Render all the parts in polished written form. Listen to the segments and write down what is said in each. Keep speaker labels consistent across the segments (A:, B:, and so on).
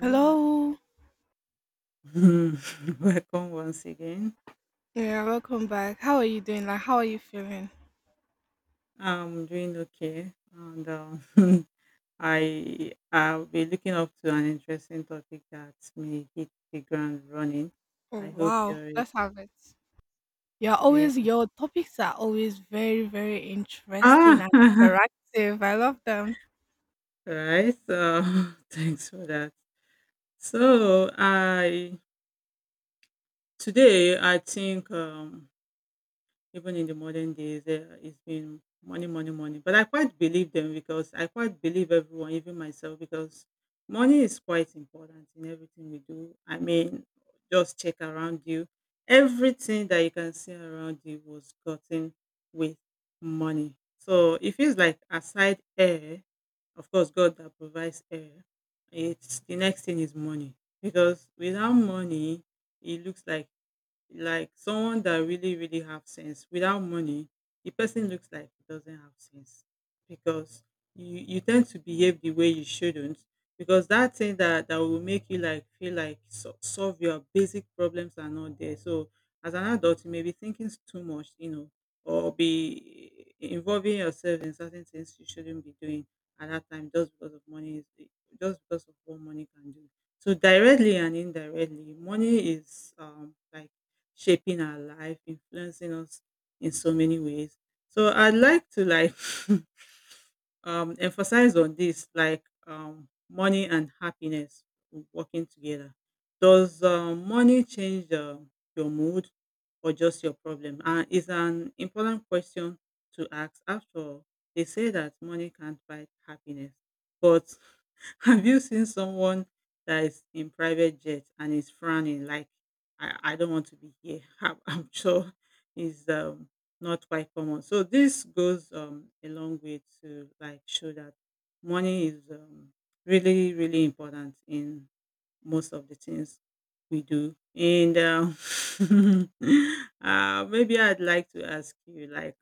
A: Hello.
B: Welcome once again.
A: Yeah, welcome back. How are you doing? Like, how are you feeling?
B: I'm doing okay, and I'll be looking up to an interesting topic that may hit the ground running.
A: Oh,
B: I hope
A: wow.
B: you're ready.
A: Let's have it. You're
B: Yeah.
A: always, your topics are always very, very interesting
B: Ah,
A: and interactive. I love them.
B: right. So thanks for that. So I today I think even in the modern days, it's been money, money, money. But I quite believe them because I quite believe everyone, even myself, because money is quite important in everything we do. I mean, just check around you. Everything that you can see around you was gotten with money. So it feels like aside air, of course, God that provides air, it's the next thing is money. Because without money, it looks like someone that really really have sense without money, the person looks like he doesn't have sense because you tend to behave the way you shouldn't, because that thing that will make you like feel like solve your basic problems are not there, so as an adult you may be thinking too much, you know, or be involving yourself in certain things you shouldn't be doing at that time, just because of money, is just because of what money can do. So directly and indirectly, money is like shaping our life, influencing us in so many ways. So I'd like to like emphasize on this, like money and happiness working together. Does money change your mood or just your problem? And it's an important question to ask. After all, they say that money can't buy happiness, but have you seen someone that is in private jet and is frowning like I don't want to be here. I'm sure is not quite common. So this goes a long way to like show that money is really really important in most of the things we do. And maybe I'd like to ask you, like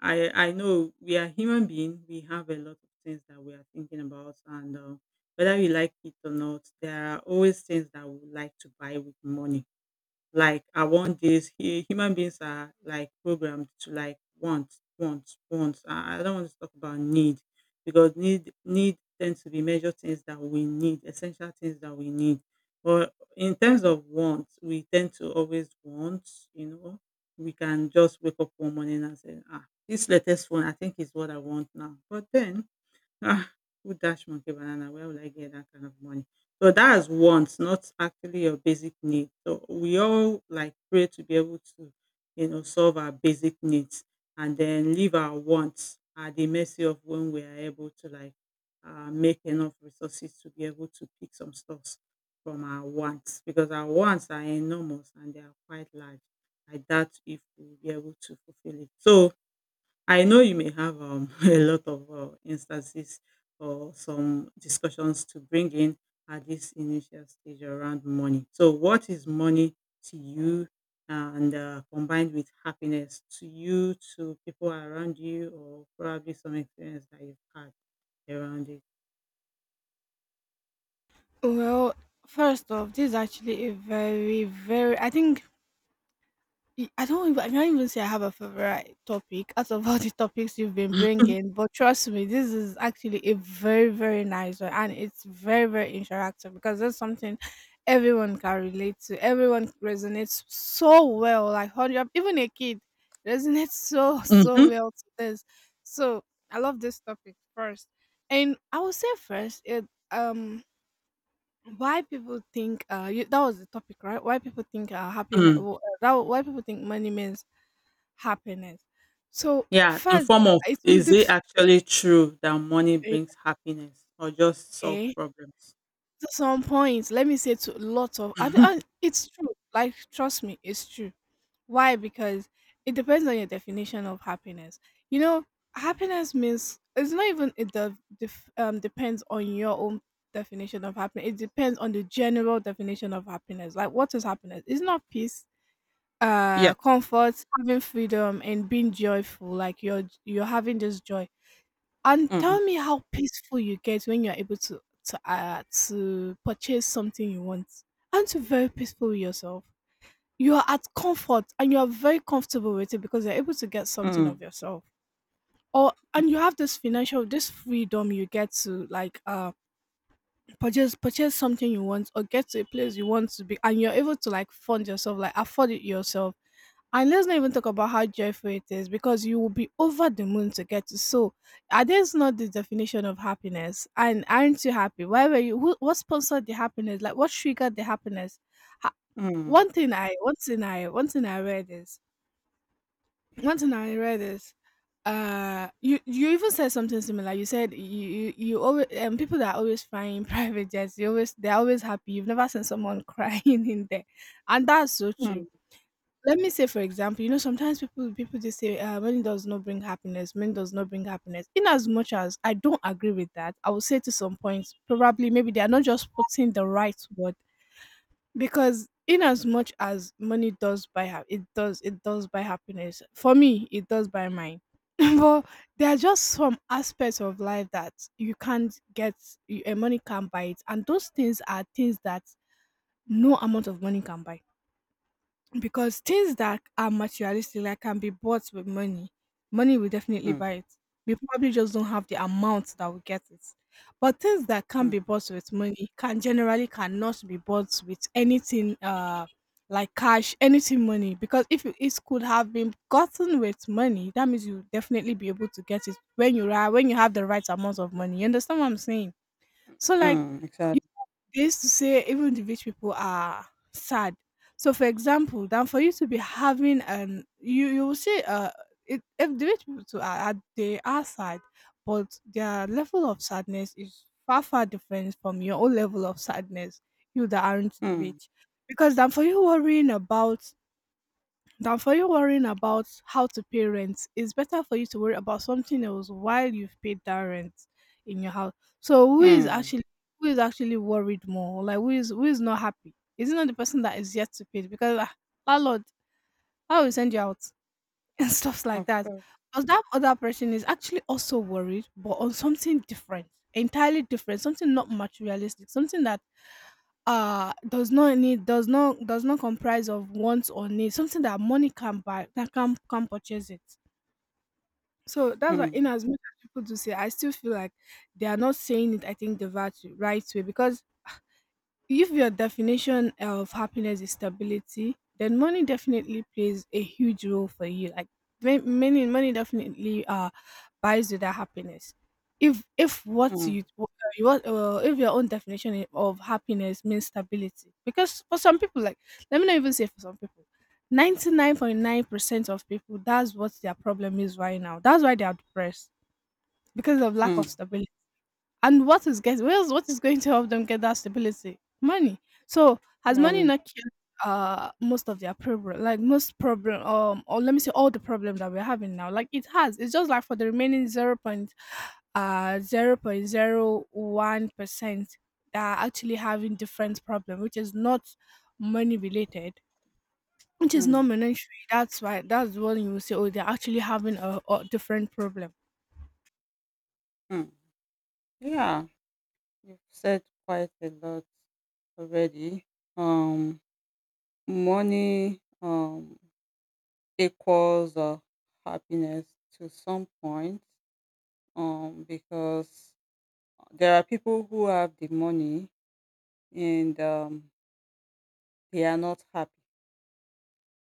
B: I know we are human being. We have a lot of things that we are thinking about and. Whether we like it or not, there are always things that we would like to buy with money, like I want this. Human beings are like programmed to like want, want. I don't want to talk about need, because need tends to be major things that we need, essential things that we need. But in terms of want, we tend to always want. You know, we can just wake up one morning and say, "Ah, this latest phone, I think is what I want now." But then Ah, who dash monkey banana? Where will I get that kind of money? So that's wants, not actually your basic need. So we all like pray to be able to, solve our basic needs, and then leave our wants at the mercy of when we are able to like make enough resources to be able to pick some stuffs from our wants, because our wants are enormous and they are quite large. I doubt if we'll be able to fulfill it. So I know you may have a lot of instances or some discussions to bring in at this initial stage around money. So, what is money to you, and combined with happiness to you, to people around you, or probably some experience that you've had around it?
A: Well, first off, this is actually a very, very, I think E I can't even say I have a favorite topic out of all the topics you've been bringing, but trust me, this is actually a very, very nice one, and it's very, very interactive because that's something everyone can relate to. Everyone resonates so well, like hundred, even a kid resonates so, so
B: Mm-hmm.
A: well to this. So I love this topic first, and I will say first, it why people think that was the topic, right? why people think uh happiness
B: Mm.
A: that why people think money means happiness. So
B: Yeah, in
A: first,
B: form of
A: it will
B: is it
A: depend.
B: actually true that money brings happiness or just solve
A: Okay,
B: problems?
A: to some points, let me say to lots of. I, it's true. Like trust me, it's true. Why? Because it depends on your definition of happiness. You know,
B: Mm.
A: happiness means it's not even it depends on your own definition of happiness. It depends on the general definition of happiness. Like what is happiness? It's not peace.
B: Yeah.
A: Comfort, having freedom, and being joyful. Like you're having this joy. And
B: Mm,
A: tell me how peaceful you get when you're able to purchase something you want. Aren't you very peaceful with yourself? You are at comfort and you are very comfortable with it because you're able to get something of
B: mm,
A: yourself. Or and you
B: mm,
A: have this financial this freedom you get to like purchase something you want or get to a place you want to be, and you're able to like fund yourself, like afford it yourself. And let's not even talk about how joyful it is because you will be over the moon to get to. So, are this not the definition of happiness? And aren't you happy? Why were you? Who, what sponsored the happiness? Like, what triggered the happiness? Ha-
B: mm,
A: one thing I, one thing I, one thing I read is, one thing I read is, you even said something similar. You said you always people that are always flying private jets. You always they're always happy. You've never seen someone crying in there, and that's so true.
B: mm.
A: Let me say for example, you know, sometimes people just say, money does not bring happiness, money does not bring happiness. In as much as I don't agree with that, I will say to some point, probably maybe they are not just putting the right word, because in as much as money does it does buy happiness. For me, it does buy mine, but there are just some aspects of life that you can't get. Money can't buy it, and those things are things that no amount of money can buy, because things that are materialistic like can be bought with Money will definitely
B: Mm,
A: buy it. We probably just don't have the amount that will get it. But things that can
B: mm,
A: be bought with money can generally cannot be bought with anything, like cash, anything, money. Because if you- it could have been gotten with money, that means you definitely be able to get it when you are when you have the right amount of money. You understand what I'm saying. So like
B: mm, exactly.
A: they used to say, even the rich people are sad. So for example, then for you to be having an you you will see it, if the rich people too they are sad, but their level of sadness is far far different from your own level of sadness. You that aren't the
B: Mm,
A: rich. Because then for you worrying about than for you worrying about how to pay rent, it's better for you to worry about something else while you've paid that rent in your house. So
B: mm,
A: who is actually worried more? Like who is not happy? Is it not the person that is yet to pay? Because ah, landlord, I will send you out, and stuff like
B: of
A: that.
B: course.
A: Because that other person is actually also worried, but on something different, entirely different, something not materialistic, something that does not comprise of wants or needs, something that money can buy, that can purchase it. So that's why in
B: Mm,
A: as much as people do say, I still feel like they are not saying it I think the right way. Because if your definition of happiness is stability, then money definitely plays a huge role for you. Like many money definitely buys you that happiness. If what
B: mm,
A: you want. If your own of happiness means stability, because for some people, like let me not even say for some people, 99.9% of people, that's what their problem is right now. That's why they are depressed, because of lack of
B: mm.
A: stability. And what is going to help them get that stability? Money. So has money
B: Money.
A: not killed most of their problem, like most problem or let me say all the problems that we're having now? Like it has. It's just like for the remaining 0.01% that are actually having different problem, which is not money related. Which is not
B: Mm,
A: monetary. That's when you will say, oh, they're actually having a different problem.
B: mm. Yeah, you've said quite a lot already. Um, money equals happiness to some point. Because there are people who have the money and they are not happy.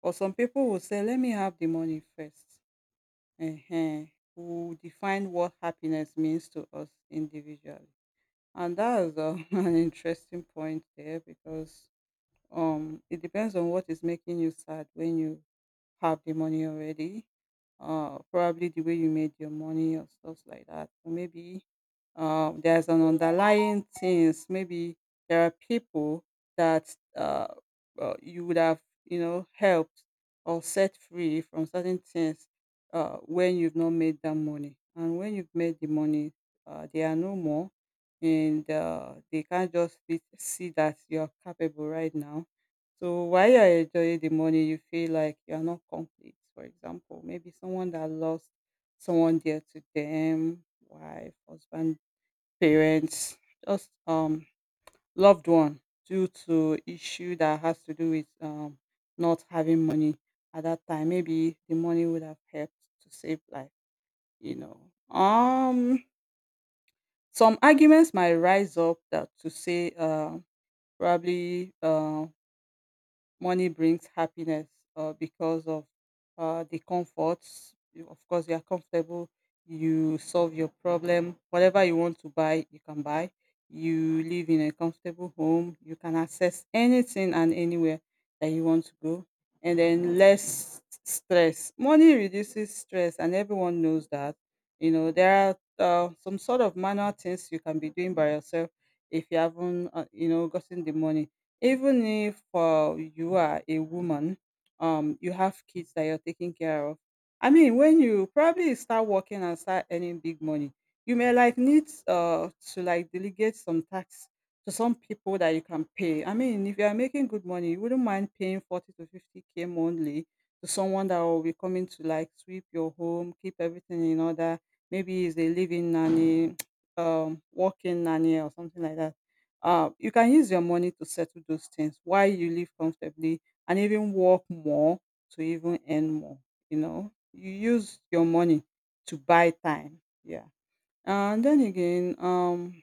B: Or some people will say, "Let me have the money first." Ehen, who define what happiness means to us individually. And that is an interesting point there because it depends on what is making you sad when you have the money already. Probably the way you made your money, or stuff like that. Or maybe there's an underlying things. Maybe there are people that you would have, helped or set free from certain things when you've not made that money. And when you've made the money, they are no more, and they can't just sit see that you're capable right now, so while you're enjoying the money, you feel like you're not complete. For example, maybe someone that lost someone dear to them, wife, husband, parents, just loved one due to issue that has to do with not having money at that time. Maybe the money would have helped to save life, you know. Um some arguments might rise up that to say probably money brings happiness, because of the comforts. Of course, you are comfortable. You solve your problem. Whatever you want to buy, you can buy. You live in a comfortable home. You can access anything and anywhere that you want to go. And then less stress. Money reduces stress, and everyone knows that. There are some sort of manual things you can be doing by yourself if you haven't, gotten the money. Even if you are a woman, you have kids that you're taking care of. I mean, when you probably start working and start earning big money, you may like need to like delegate some tasks to some people that you can pay. I mean, if you are making good money, you wouldn't mind paying 40 to 50K monthly to someone that will be coming to like sweep your home, keep everything in order. Maybe it's a living nanny, working nanny, or something like that, you can use your money to settle those things while you live comfortably and even work more to even earn more. You use your money to buy time. Yeah. And then again, um,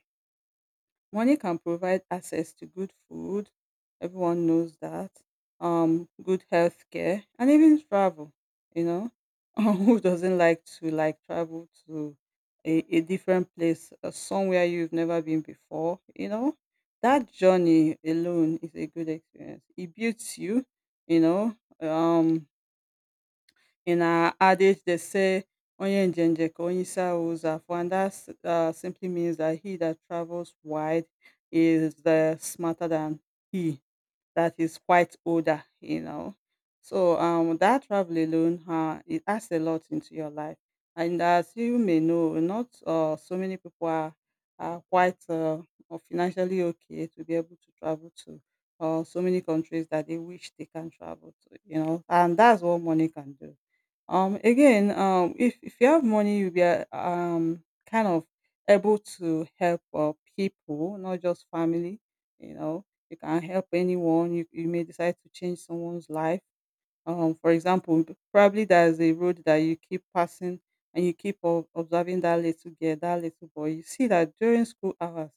B: Money can provide access to good food, everyone knows that, good healthcare, and even travel, you know. Who doesn't like to like travel to a different place, somewhere you've never been before, you know? That journey alone is a good experience. It builds you, you know. In our adage they say, Onye njenje ka onye isi ahụ ụzọ afụ, and that simply means that he that travels wide is the smarter than he that is quite older. So that travel alone, it adds a lot into your life. And as you may know, not so many people are quite or financially okay to be able to travel to so many countries that they wish they can travel to. And that's what money can do. Again, if you have money, you'll be kind of able to help people, not just family. you know you can help anyone. You may decide to change someone's life. For example, probably there's a road that you keep passing, and you keep observing that little girl, that little boy. You see that during school hours,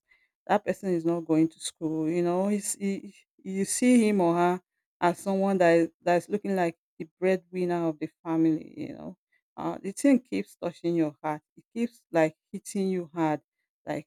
B: that person is not going to school. You know, you see him or her as someone that's looking like the breadwinner of the family. You know, the thing keeps touching your heart. It keeps like hitting you hard. Like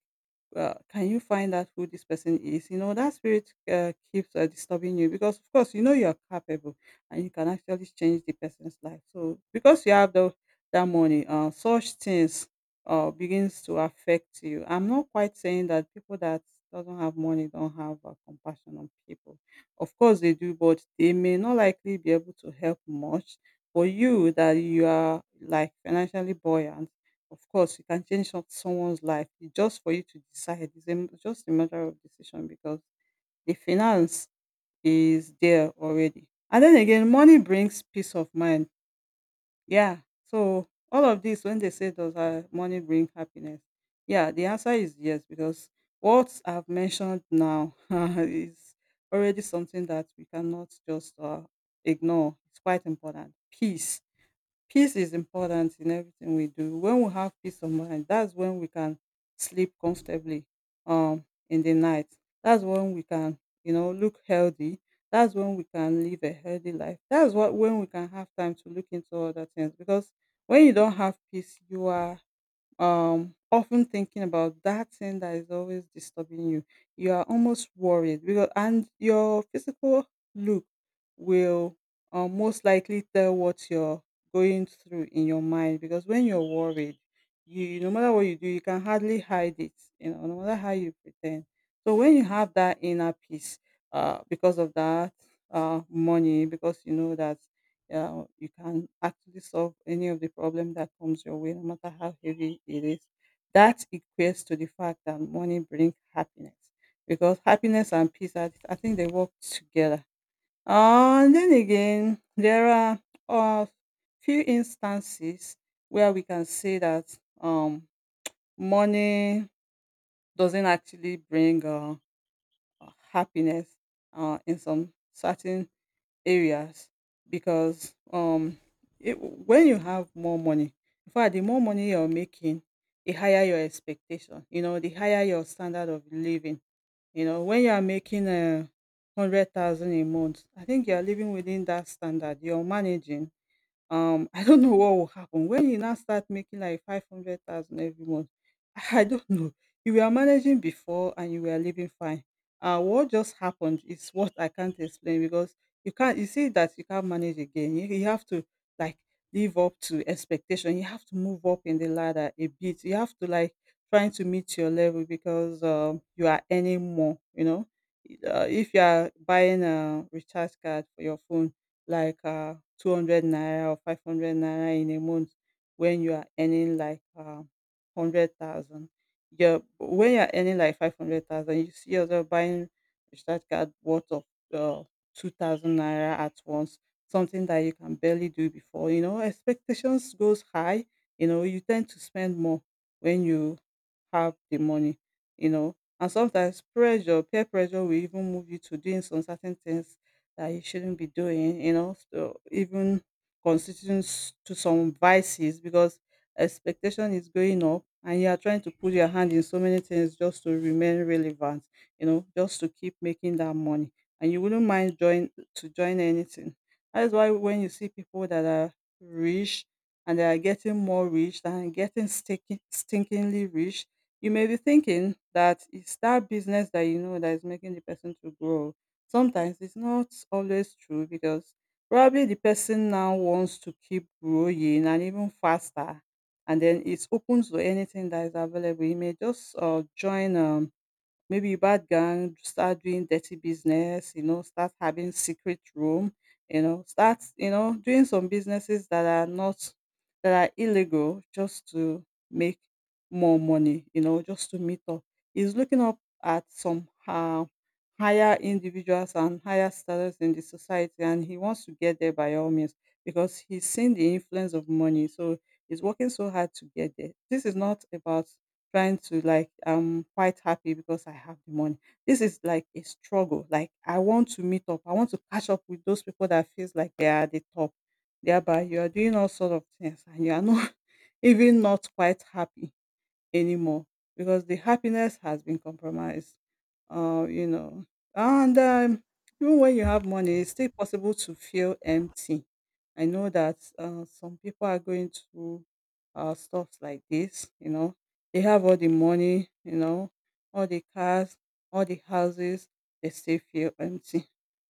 B: can you find out who this person is? You know, that spirit keeps disturbing you, because, of course, you know you're capable and you can actually change the person's life. So, because you have that money, such things begins to affect you. I'm not quite saying that people that doesn't have money don't have compassion on people. Of course, they do, but they may not likely be able to help much. For you, that you are like financially buoyant, of course, you can change someone's life. It's just for you to decide. It's a m just a matter of decision, because the finance is there already. And then again, money brings peace of mind. Yeah. So all of this, when they say does money bring happiness? Yeah, the answer is yes, because what I've mentioned now is already something that we cannot just ignore. It's quite important. Peace is important in everything we do. When we have peace of mind, that's when we can sleep comfortably um in the night. That's when we can look healthy. That's when we can live a healthy life. That's what when we can have time to look into other things. Because when you don't have peace, you are often thinking about that thing that is always disturbing you. You are almost worried, because and your physical look will most likely tell what you're going through in your mind, because when you're worried, you no matter what you do, you can hardly hide it, you know, no matter how you pretend. So when you have that inner peace because of that money, because you know that you can actually solve any of the problem that comes your way, no matter how heavy it is. That equates to the fact that money brings happiness, because happiness and peace, are, I think they work together. And then again, there are a few instances where we can say that um, money doesn't actually bring happiness in some certain areas, because when you have more money, in fact the more money you're making, the higher your expectation, you know, the higher your standard of living, you know, when you are making 100,000 a month, I think you are living within that standard, you're managing. I don't know what will happen when you now start making like 500,000 every month. I don't know. You were managing before and you were living fine. What just happened is what I can't explain, because you see that you can't manage again. You have to like live up to expectation. You have to move up in the ladder a bit. You have to like trying to meet your level, because you are earning more, you know. If you are buying a recharge card for your phone, like 200 naira or 500 naira in a month, when you are earning like 100,000. Yeah, when you're earning like 500,000, you see yourself buying recharge card worth of uh, 2,000 naira at once, something that you can barely do before. You know, expectations goes high. You know, you tend to spend more when you have the money, you know. And sometimes pressure, peer pressure will even move you to doing some certain things that you shouldn't be doing, you know, so even constituting to some vices, because expectation is going up and you are trying to put your hand in so many things just to remain relevant, you know, just to keep making that money. And you wouldn't mind join to join anything. That is why when you see people that are rich and they are getting more rich and getting stinkingly rich, you may be thinking that it's that business that you know that is making the person to grow. Sometimes it's not always true, because probably the person now wants to keep growing and even faster, and then it's open to anything that is available. He may just join maybe you bad gang, start doing dirty business, you know, start having secret room, you know, start, you know, doing some businesses that are not, that are illegal, just to make more money, you know, just to meet up. He's looking up at some higher individuals and higher status in the society, and he wants to get there by all means, because he's seen the influence of money. So he's working so hard to get there. This is not about trying to like, I'm quite happy because I have the money. This is like a struggle. Like, I want to meet up. I want to catch up with those people that feels like they are at the top. Thereby you are doing all sort of things and you are not even not quite happy anymore, because the happiness has been compromised. You know, and even when you have money, it's still possible to feel empty. I know that some people are going through stuff like this. You know, they have all the money, you know, all the cars, all the houses. They still feel empty.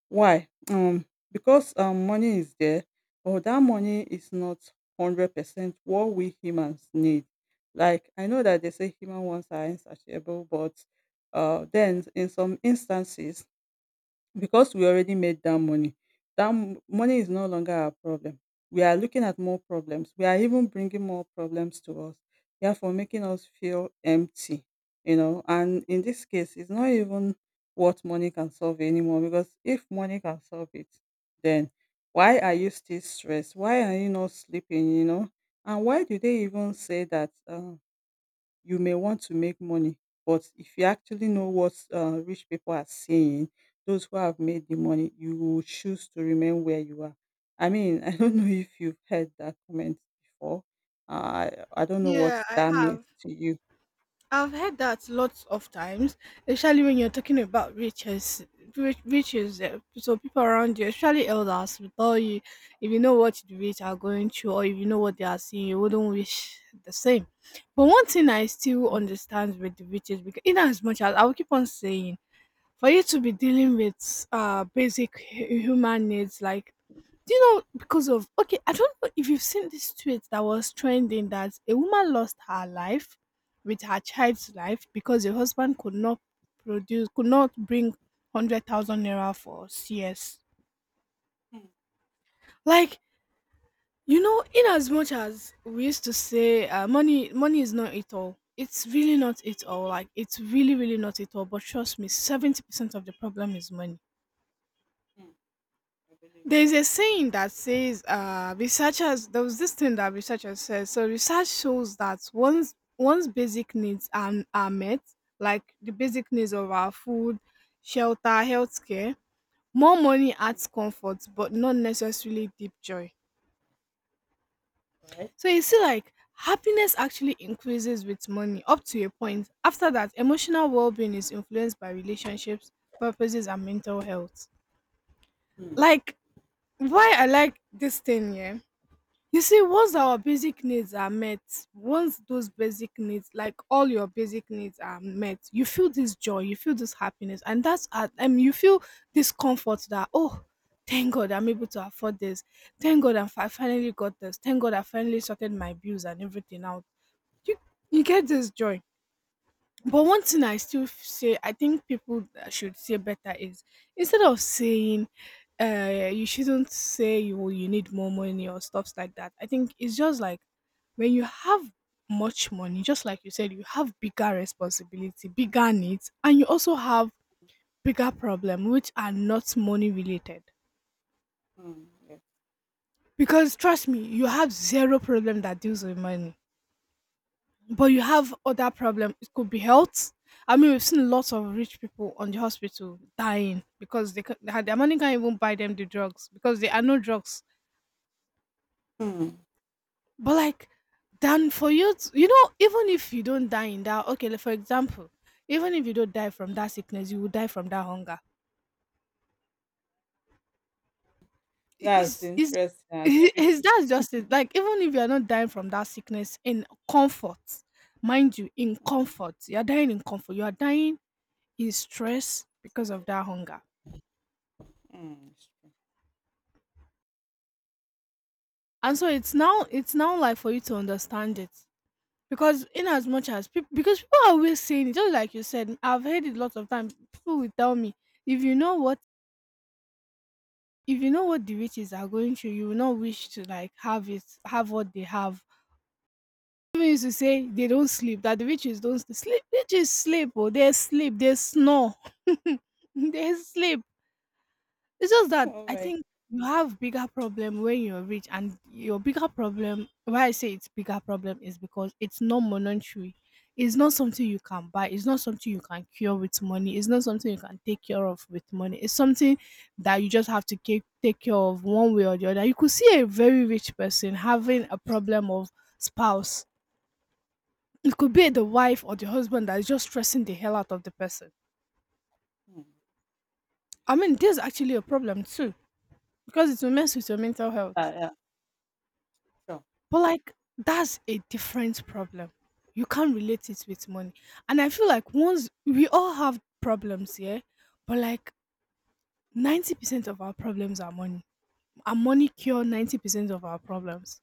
B: Why? Because money is there, but that money is not 100% what we humans need. Like, I know that they say human wants are insatiable, but then in some instances, because we already made that money, that money is no longer our problem. We are looking at more problems. We are even bringing more problems to us, therefore making us feel empty, you know. And in this case, it's not even what money can solve anymore, because if money can solve it, then why are you still stressed? Why are you not sleeping, you know? And why do they even say that? You may want to make money, but if you actually know what rich people are saying, those who have made the money, you will choose to remain where you are. I mean, I don't know if you've heard that comment before. I don't know what
A: Yeah, I
B: that means
A: have.
B: to you.
A: I've heard that lots of times, especially when you're talking about riches, riches. So people around you, especially elders, will tell you if you know what the rich are going through or if you know what they are seeing, you wouldn't wish the same. But one thing I still understand with the riches, because in as much as I will keep on saying for you to be dealing with basic human needs, like do you know because of I don't know if you've seen this tweet that was trending, that a woman lost her life with her child's life because her husband could not produce could not bring 100,000 naira for cs.
B: Mm,
A: Like you know, in as much as we used to say, money is not it all, it's really not it all, like it's really really not it all. But trust me, 70% of the problem is money.
B: mm, I believe,
A: There's a saying that says, there was this thing that researchers said. So research shows that once one's basic needs are met, like the basic needs of our food, shelter, healthcare, more money adds comfort, but not necessarily deep joy.
B: right?
A: So you see, like happiness actually increases with money up to a point. After that, emotional well-being is influenced by relationships, purposes, and mental health.
B: Mm,
A: Like why I like this thing, yeah. You see, once
B: mm,
A: our basic needs are met, once those basic needs, like all your basic needs are met, you feel this joy, you feel this happiness. And that's at you feel this comfort that oh, thank God I'm able to afford this, thank God I finally got this, thank God I finally sorted my bills and everything out. You you get this joy. But
B: mm,
A: one thing I still say, I think people that should say better is, instead of saying, you shouldn't say you need more money or stuffs like that. I think it's just like when you have much money, just like you said, you have bigger responsibility, bigger needs, and you also have bigger problem which are not money related.
B: mm, yes.
A: Because trust me, you have zero problem that deals with money. But you have other problem. It could be health. I mean, we've seen lots of rich people on the hospital dying because they, ca- they had- their money can't even buy them the drugs because there are no drugs.
B: Mm.
A: But like then for you to, even if you don't die in that, okay, like for example, even if you don't die from that sickness, you will die from that hunger.
B: That's
A: Is
B: interesting and
A: Is
B: tricky.
A: that just it? Like even if you're not dying from that sickness in comfort, mind you, in
B: Mm,
A: comfort, you're dying in comfort, you are dying in stress because of that hunger.
B: mm, it's true.
A: And so it's now like for you to understand it. Because in as much as people because people are always saying it, just like you said. I've heard it lots of times. People will tell me, if you know what if you know what the riches are going through, you will not wish to like have what they have. People used to say they don't sleep, that the riches don't sleep. Riches sleep, or they sleep, they snore. They sleep. It's just that
B: Oh
A: I
B: my
A: think you have bigger problem when you're rich, and your bigger problem. Why I say it's bigger problem is because it's not monetary. It's not something you can buy. It's not something you can cure with money. It's not something you can take care of with money. It's something that you just have to take care of one way or the other. You could see a very rich person having a problem of spouse. It could be the wife or the husband that is just stressing the hell out of the person.
B: God. Mm.
A: I mean, there's actually a problem too because it will mess with your mental health.
B: Yeah, sure.
A: But like that's a different problem. You can't relate it with money. And I feel like once we all have problems, yeah, but like 90% of our problems are money. Our money cure 90% of our problems.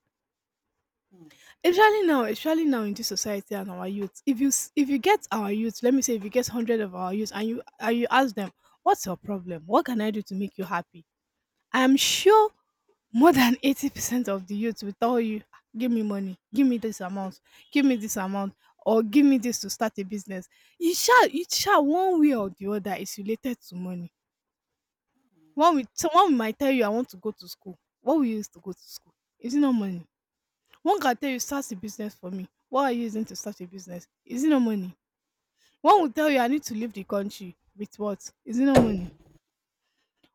B: Mm,
A: Especially now in this society and our youth. If you get our youth, let me say if you get 100 of our youth and you ask them, "What's your problem? What can I do to make you happy?" I'm sure more than 80% of the youth will tell you, "Ah, give me money, give me this amount, give me this amount, or give me this to start a business. You shall one way or the other is related to money."
B: mm,
A: Someone might tell you, "I want to go to school." What will you use to go to school? Is it not money? One can tell you, "Start a business for me." What are you using to start a business? Is it not money? One will tell you, "I need to leave the country with what?" Is it not money?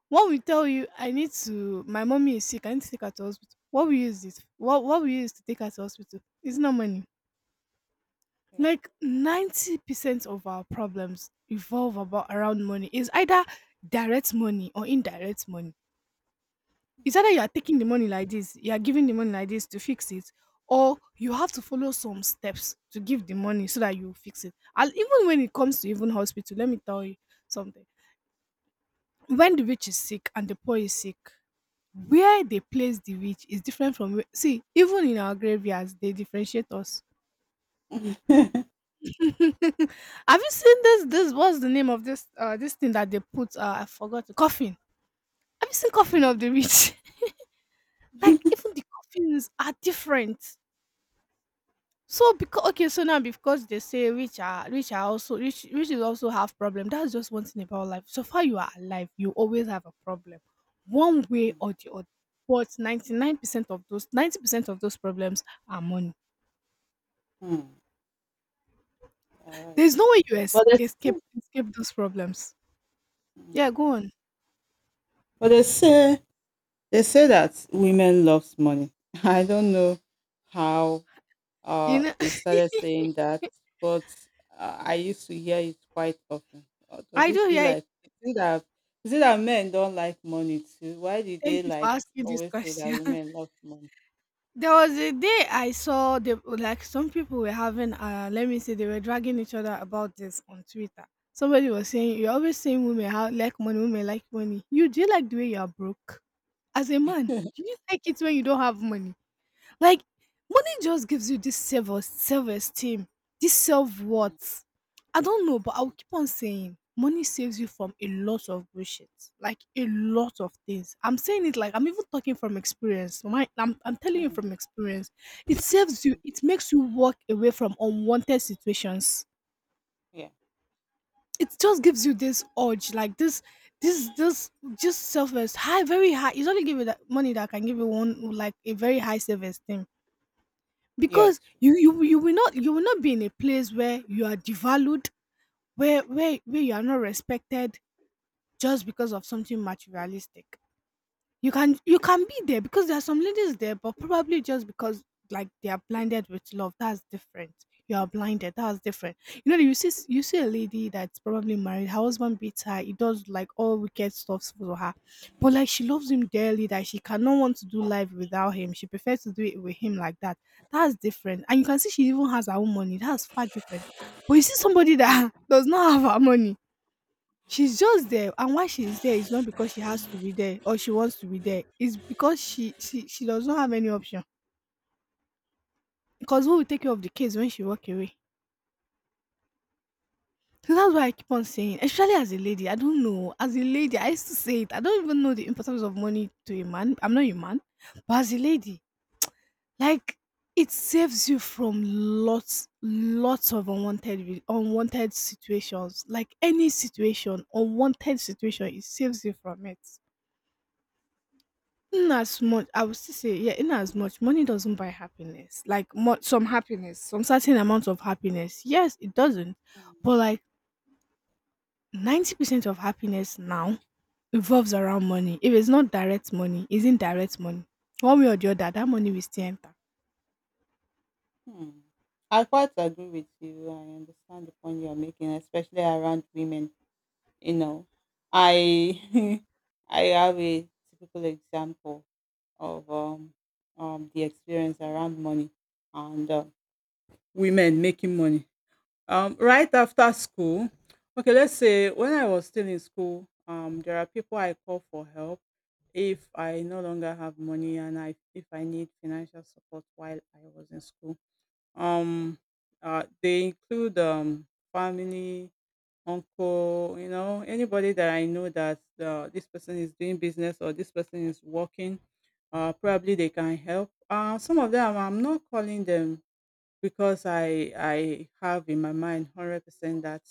A: What we tell you I need to, my mommy is sick, I need to take her to hospital. What we use it, what we use to take her to hospital? Is not money.
B: yeah.
A: Like 90% of our problems revolve about around money. It's either direct money or indirect money. It's either you are taking the money like this, you are giving the money like this to fix it, or you have to follow some steps to give the money so that you fix it. And even when it comes to even hospital, let me tell you something. When the rich is sick and the poor is sick, where they place the witch is different from see even in our graveyards they differentiate us. Have you seen this, what's the name of this thing that they put, I forgot, coffin? Have you seen coffin of
B: Mm,
A: the witch? Like
B: mm.
A: even the coffins are different. So because okay so now because they say witch are also witches also have problem. That's just one thing about life. So far you are alive, you always have a problem, one way or the other. But 99% of those, 90% of those problems are money.
B: Hmm, alright.
A: There's no way you es
B: But they still
A: escape escape those problems. Yeah,
B: hmm,
A: go on.
B: but they say that women loves money. I don't know how
A: You know,
B: they started saying that, but I used to hear it quite often. Does
A: I
B: it
A: do
B: feel
A: hear you.
B: like, is it that men don't like money too? Why do
A: Thank
B: they
A: you for
B: like
A: asking this
B: always say that
A: question.
B: women love money?
A: There was a day I saw the like some people were having, let me say, they were dragging each other about this on Twitter. Somebody was saying, "You're always saying women how like money, women like money. You Do you like the way you are broke? As a man, do you like it when you don't have money?" Like money just gives you this self esteem, this self
B: Mm,
A: worth. I don't know, but I'll keep on saying money saves you from a lot of bullshit, like a lot of things. I'm saying it like I'm even talking from experience. I'm telling you
B: mm,
A: from experience. It saves you,
B: mm.
A: it makes you walk away from unwanted situations.
B: Yeah,
A: It just gives you this urge, like this, this, just self esteem high, very high. It's only give you that money that can give you one like a very high self esteem,
B: yeah,
A: because
B: it's true.
A: you will not, you will not be in a place where you are devalued, where you are not respected, just because of something materialistic. You can be there because there are some ladies there, but probably just because like they are blinded with love. That's different. You are blinded, that's different. You know, you see, you see a lady that's probably married, her husband beats her, he does like all wicked stuff for her, but like she loves him dearly, that she cannot want to do life without him. She prefers to do it with him like that. That's different. And you can see she even has her own money, that's far different. But you see somebody that does not have her money. She's just there, and why she's there is not because she has to be there or she wants to be there. It's because she does not have any option. Because who will take care of the kids when she walk away? So that's why I keep on saying, especially as a lady, I don't know. As a lady, I used to say it. I don't even know the importance of money to a man. I'm not a man, but as a lady, like it saves you from lots of unwanted unwanted situations. Like any situation, unwanted situation, it saves you from it. In as much, I would still say, yeah, in as much, money doesn't buy happiness. Like some happiness, some certain amount of happiness. Yes, it doesn't.
B: Mm.
A: But like 90% of happiness now revolves around money. If it's not direct money, it's indirect money. One way or the other, that money will still enter.
B: Hmm. I quite agree with you. I understand the point you are making, especially around women. You know, I I have a typical example of the experience around money and women making money. Right after school, okay, let's say when I was still in school, there are people I call for help if I no longer have money, and I if I need financial support while I was in school. Um, they include family uncle, you know, anybody that I know that this person is doing business or this person is working, probably they can help. Some of them, I'm not calling them, because I have in my mind 100% that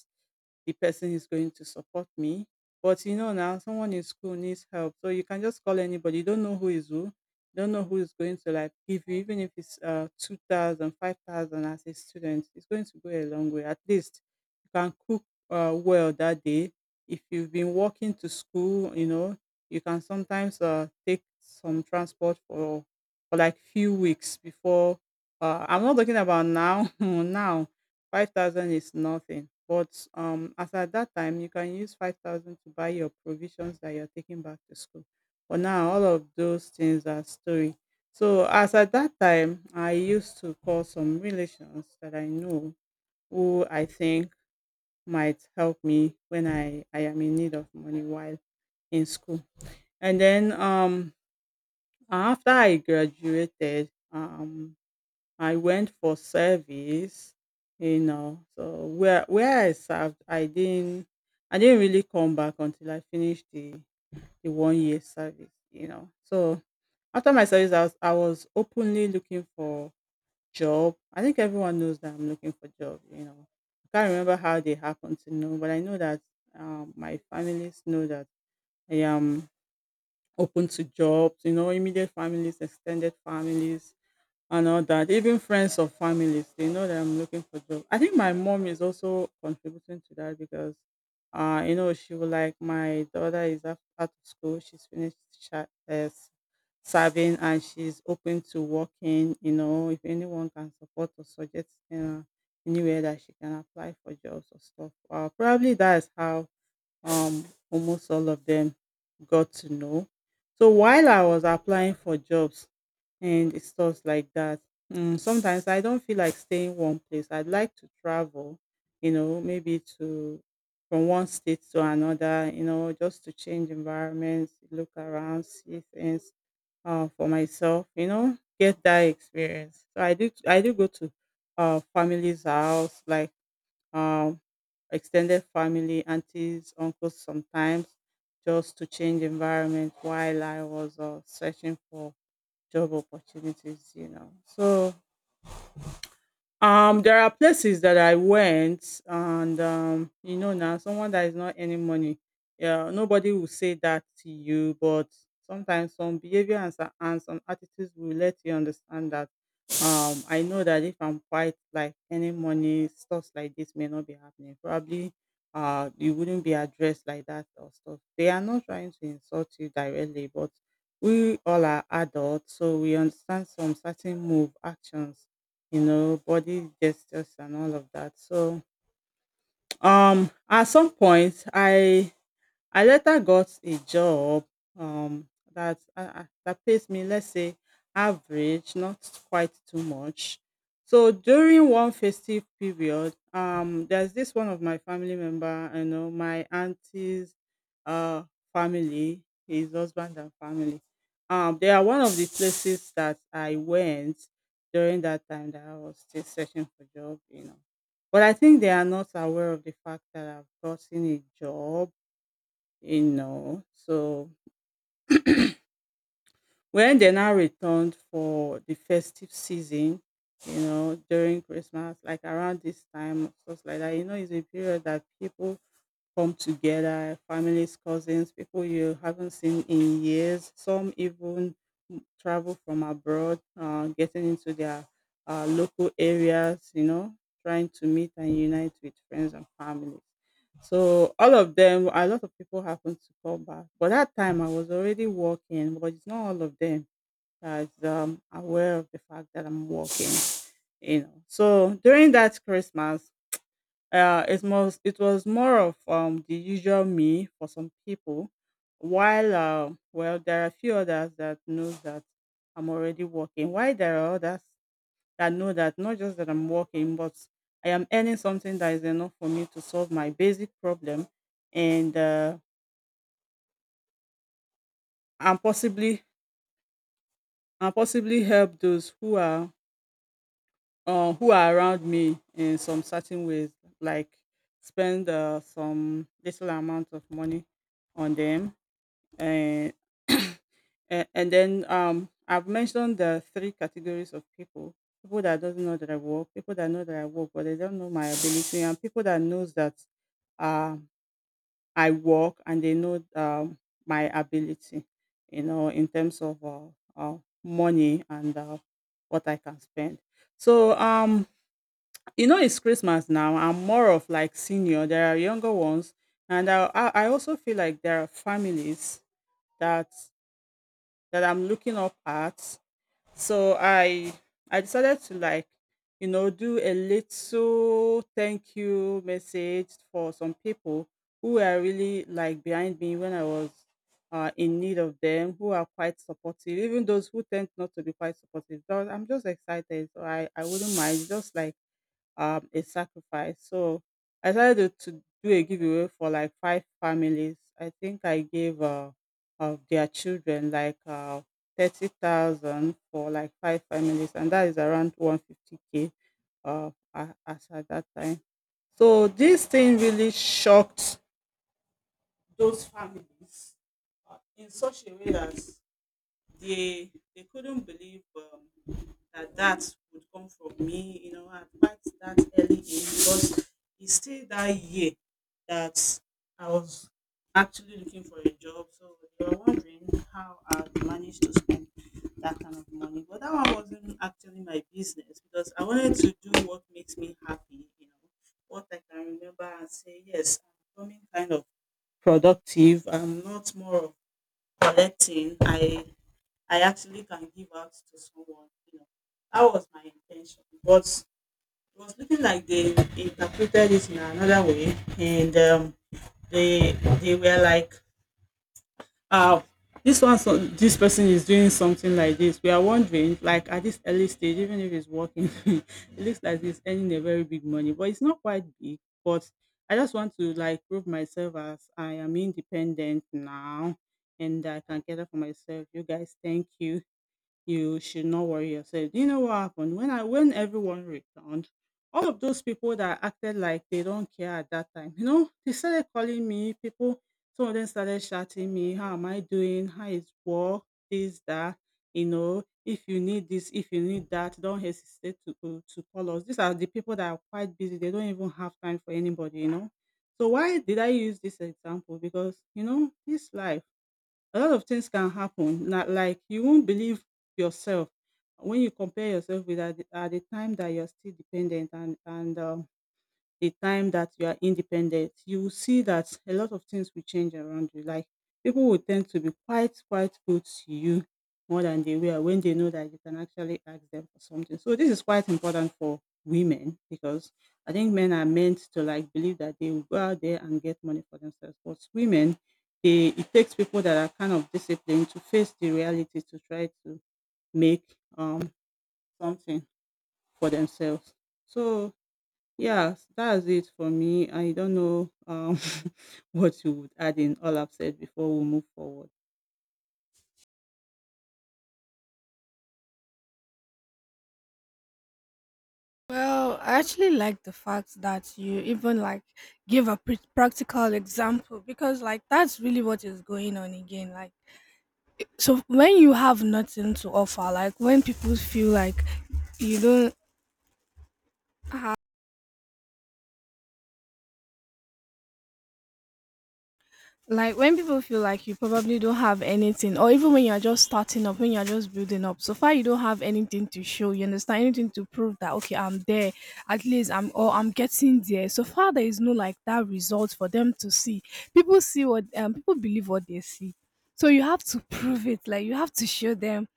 B: the person is going to support me. But you know, now, someone in school needs help, so you can just call anybody. You don't know who is who. You don't know who is going to like give you, even if it's 2,000, 5,000 as a student. It's going to go a long way. At least you can cook well that day. If you've been walking to school, you know, you can sometimes take some transport for like few weeks, before I'm not talking about now. Now 5,000 is nothing. But as at that time, you can use 5,000 to buy your provisions that you're taking back to school. But now all of those things are story. So as at that time, I used to call some relations that I know who I think might help me when I am in need of money while in school. And then after I graduated, I went for service, you know. So where I served, I didn't really come back until I finished the one year service, you know. So after my service, I was openly looking for job. I think everyone knows that I'm looking for job, you know. I can't remember how they happened to know, but I know that my families know that I am open to jobs, you know, immediate families, extended families, and all that. Even friends or families, they know that I'm looking for job. I think my mom is also contributing to that, because you know, she was like, my daughter is out of school. She's finished uh, s- serving, and she's open to working. You know, if anyone can support or suggest anywhere that she can apply for jobs or stuff. Probably that's how um almost all of them got to know. So while I was applying for jobs, and it's stuff like that. Sometimes I don't feel like staying one place. I'd like to travel, you know, maybe to from one state to another, you know, just to change environments, look around, see things for myself, you know, get that experience. So I do go to family's house, like um, extended family, aunties, uncles, sometimes, just to change environment while I was searching for job opportunities, you know. So there are places that I went, and you know, now someone that is not earning money. Yeah, nobody will say that to you, but sometimes some behavior and and some attitudes will let you understand that I know that if I'm quiet, like, any morning stuff like this may not be happening. Probably you wouldn't be addressed like that or stuff. They are not trying to insult you directly, but we all are adults, so we understand some certain move actions, you know, body gestures and all of that. So at some point, I later got a job um, that that pays me, let's say, average, not quite too much. So during one festive period, there's this one of my family member, you know, my auntie's uh, family, his husband and family. They are one of the places that I went during that time that I was still searching for job, you know. But I think they are not aware of the fact that I've gotten a job, you know. So when they now returned for the festive season, you know, during Christmas, like around this time, stuff like that, you know, it's a period that people come together, families, cousins, people you haven't seen in years. Some even travel from abroad, getting into their local areas, you know, trying to meet and unite with friends and families. So all of them, a lot of people happen to come back. But that time I was already working, but it's not all of them that's aware of the fact that I'm working, you know. So during that Christmas, it was more of the usual me for some people, while well, there are a few others that knows that I'm already working. Why there are others that know that not just that I'm working, but I am earning something that is enough for me to solve my basic problem, and uh, and possibly and possibly help those who are around me in some certain ways, like spend some little amount of money on them and and then I've mentioned the three categories of people: people that does not know that I work, people that know that I work but they don't know my ability, and people that knows that um I work and they know my ability, you know, in terms of money and what I can spend. So you know, it's Christmas now. I'm more of like senior. There are younger ones, and I also feel like there are families that that I'm looking up at. So I decided to, like, you know, do a little thank you message for some people who were really like behind me when I was in need of them, who are quite supportive, even those who tend not to be quite supportive. So I'm just excited. So I wouldn't mind just like a sacrifice. So I decided to do a giveaway for like five families. I think I gave of their children like 30,000 for like five families, and that is around 150K as at that time. So this thing really shocked those families, in such a way that they couldn't believe that that would come from me, you know, at quite that early age, because it's still that year that I was actually looking for a job. So they were wondering how I managed to spend that kind of money. But that one wasn't actually my business, because I wanted to do what makes me happy, you know, what I can remember and say, yes, I'm becoming kind of productive. I'm not more of collecting. I actually can give out to someone. You know, that was my intention. But it was looking like they interpreted it in another way, and they they were like, "Oh, this one, so this person is doing something like this." We are wondering, like, at this early stage, even if it's working, it looks like it's earning a very big money, but it's not quite big. But I just want to like prove myself as I am independent now, and I can get up for myself. You guys, thank you. You should not worry yourself. Do you know what happened? When everyone returned, all of those people that acted like they don't care at that time, you know, they started calling me, people, some of them started shouting me, how am I doing? How is work? This, that, you know, if you need this, if you need that, don't hesitate to to call us. These are the people that are quite busy. They don't even have time for anybody, you know. So why did I use this example? Because, you know, this life, a lot of things can happen. Na, like, you won't believe yourself when you compare yourself with, at the, time that you're still dependent, and a time that you are independent, you will see that a lot of things will change around you. Like, people will tend to be quite, quite good to you, more than they were when they know that you can actually ask them for something. So this is quite important for women, because I think men are meant to like believe that they will go out there and get money for themselves. But women, they, it takes people that are kind of disciplined to face the reality, to try to make um something for themselves. So yeah, that's it for me. I don't know what you would add in all I've said before we move forward.
A: Well, I actually like the fact that you even like give a practical example, because like that's really what is going on again. Like so when you have nothing to offer, like when people feel like you don't have, like when people feel like you probably don't have anything, or even when you're just starting up, when you're just building up, so far you don't have anything to show, you understand, anything to prove that okay, I'm there, at least I'm, or I'm getting there. So far there is no like that result for them to see. People see what, um, people believe what they see. So you have to prove it, like you have to show them.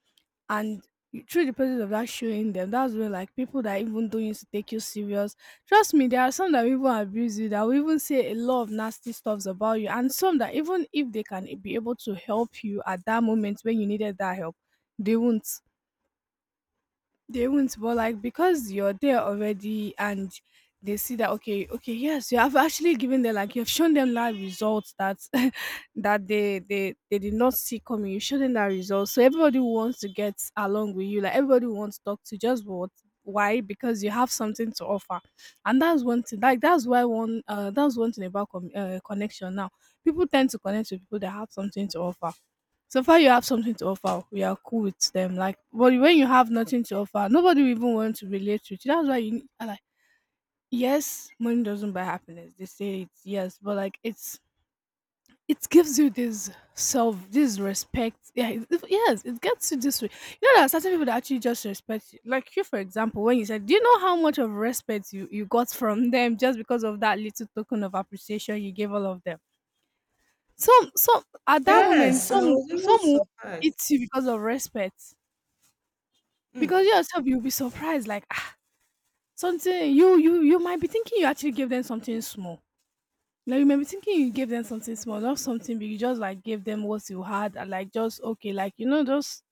A: And through the process of that showing them, that's when like people that even don't used to take you serious, trust me, there are some that even abuse you, that will even say a lot of nasty stuffs about you, and some that even if they can be able to help you at that moment when you needed that help, they won't they won't. But like because you're there already and they see that okay, yes, you have actually given them, like you've shown them live results that that they did not see coming. You showed them that result, so everybody wants to get along with you, like everybody wants to talk to you. Just what Why? Because you have something to offer. And that's one thing, like that's why one that's one thing about connection now. People tend to connect with people that have something to offer. So far, you have something to offer, we are cool with them. Like, but when you have nothing to offer, nobody will even want to relate with you. That's why you need, I like, yes, money doesn't buy happiness, they say it's yes, but like, it gives you this self, this respect. Yeah, yes, it gets you this way. You know, there are certain people that actually just respect you. Like you, for example, when you said, do you know how much of respect you got from them just because of that little token of appreciation you gave all of them? Some At that moment,
B: Yes, I was even
A: some will eat
B: surprised.
A: you because of respect. Because
B: Mm.
A: yourself you'll be surprised, like ah, something you might be thinking you actually gave them something small. Like you might be thinking you gave them something small, not something big. You just like gave them what you had and like just okay, like you know, just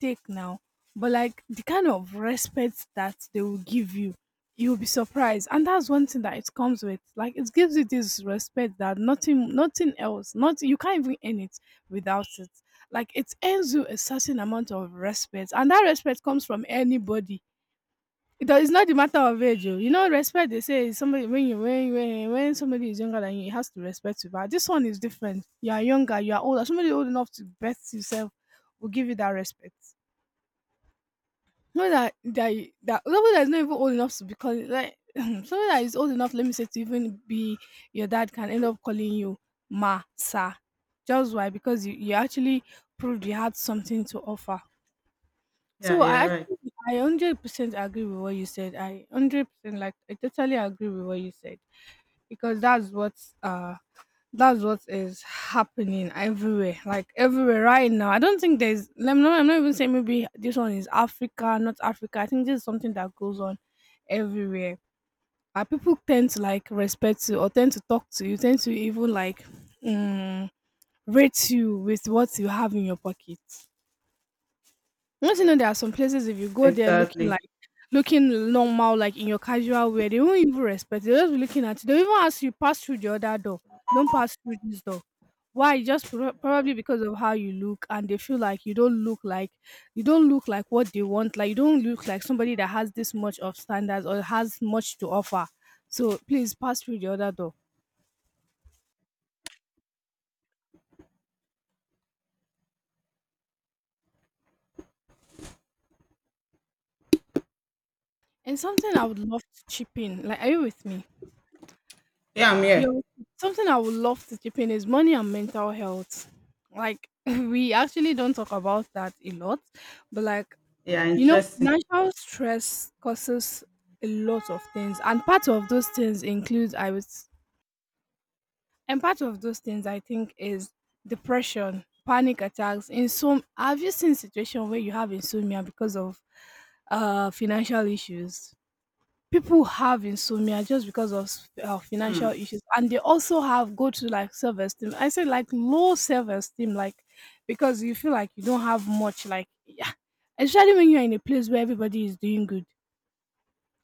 A: take now. But like the kind of respect that they will give you, you'll be surprised. And that's one thing that it comes with. Like it gives you this respect that nothing else, not you can't even earn it without it. Like it earns you a certain amount of respect. And that respect comes from anybody. It does. It's not the matter of age, oh. You know, respect, they say, is somebody when somebody is younger than you, you has to respect you. But this one is different. You are younger, you are older. Somebody old enough to best yourself will give you that respect. Not that somebody that is not even old enough to be calling, like, somebody that is old enough, let me say, to even be your dad can end up calling you ma sir. Just why? Because you actually proved you had something to offer.
B: Yeah,
A: So
B: you're
A: I
B: right.
A: actually I 100% agree with what you said. I 100%, like, I totally agree with what you said because that's what is happening everywhere, like everywhere right now. I don't think there's, let me know. I'm not even saying maybe this one is Africa, not Africa. I think this is something that goes on everywhere. People tend to like respect you or tend to talk to you, tend to even like um, rate you with what you have in your pocket. Once you know, there are some places if you go there
B: Exactly.
A: looking normal, like in your casual wear, they won't even respect you. They'll just be looking at you. They'll even ask you, pass through the other door. Don't pass through this door. Why? Just probably because of how you look, and they feel like you don't look like what they want. Like you don't look like somebody that has this much of standards or has much to offer. So please pass through the other door. And something I would love to chip in. Like, are you with me?
B: Yeah, I'm here.
A: Yo, something I would love to chip in is money and mental health. Like, we actually don't talk about that a lot, but, like,
B: Yeah,
A: you know,
B: interesting.
A: financial stress causes a lot of things, and part of those things includes I was, and part of those things I think is depression, panic attacks. In some, have you seen situation where you have insomnia because of financial issues? People have insomnia just because of
B: Hmm.
A: financial issues, and they also have go to, like, self-esteem, I say, like, low self-esteem, like, because you feel like you don't have much, like, yeah, especially when you're in a place where everybody is doing good.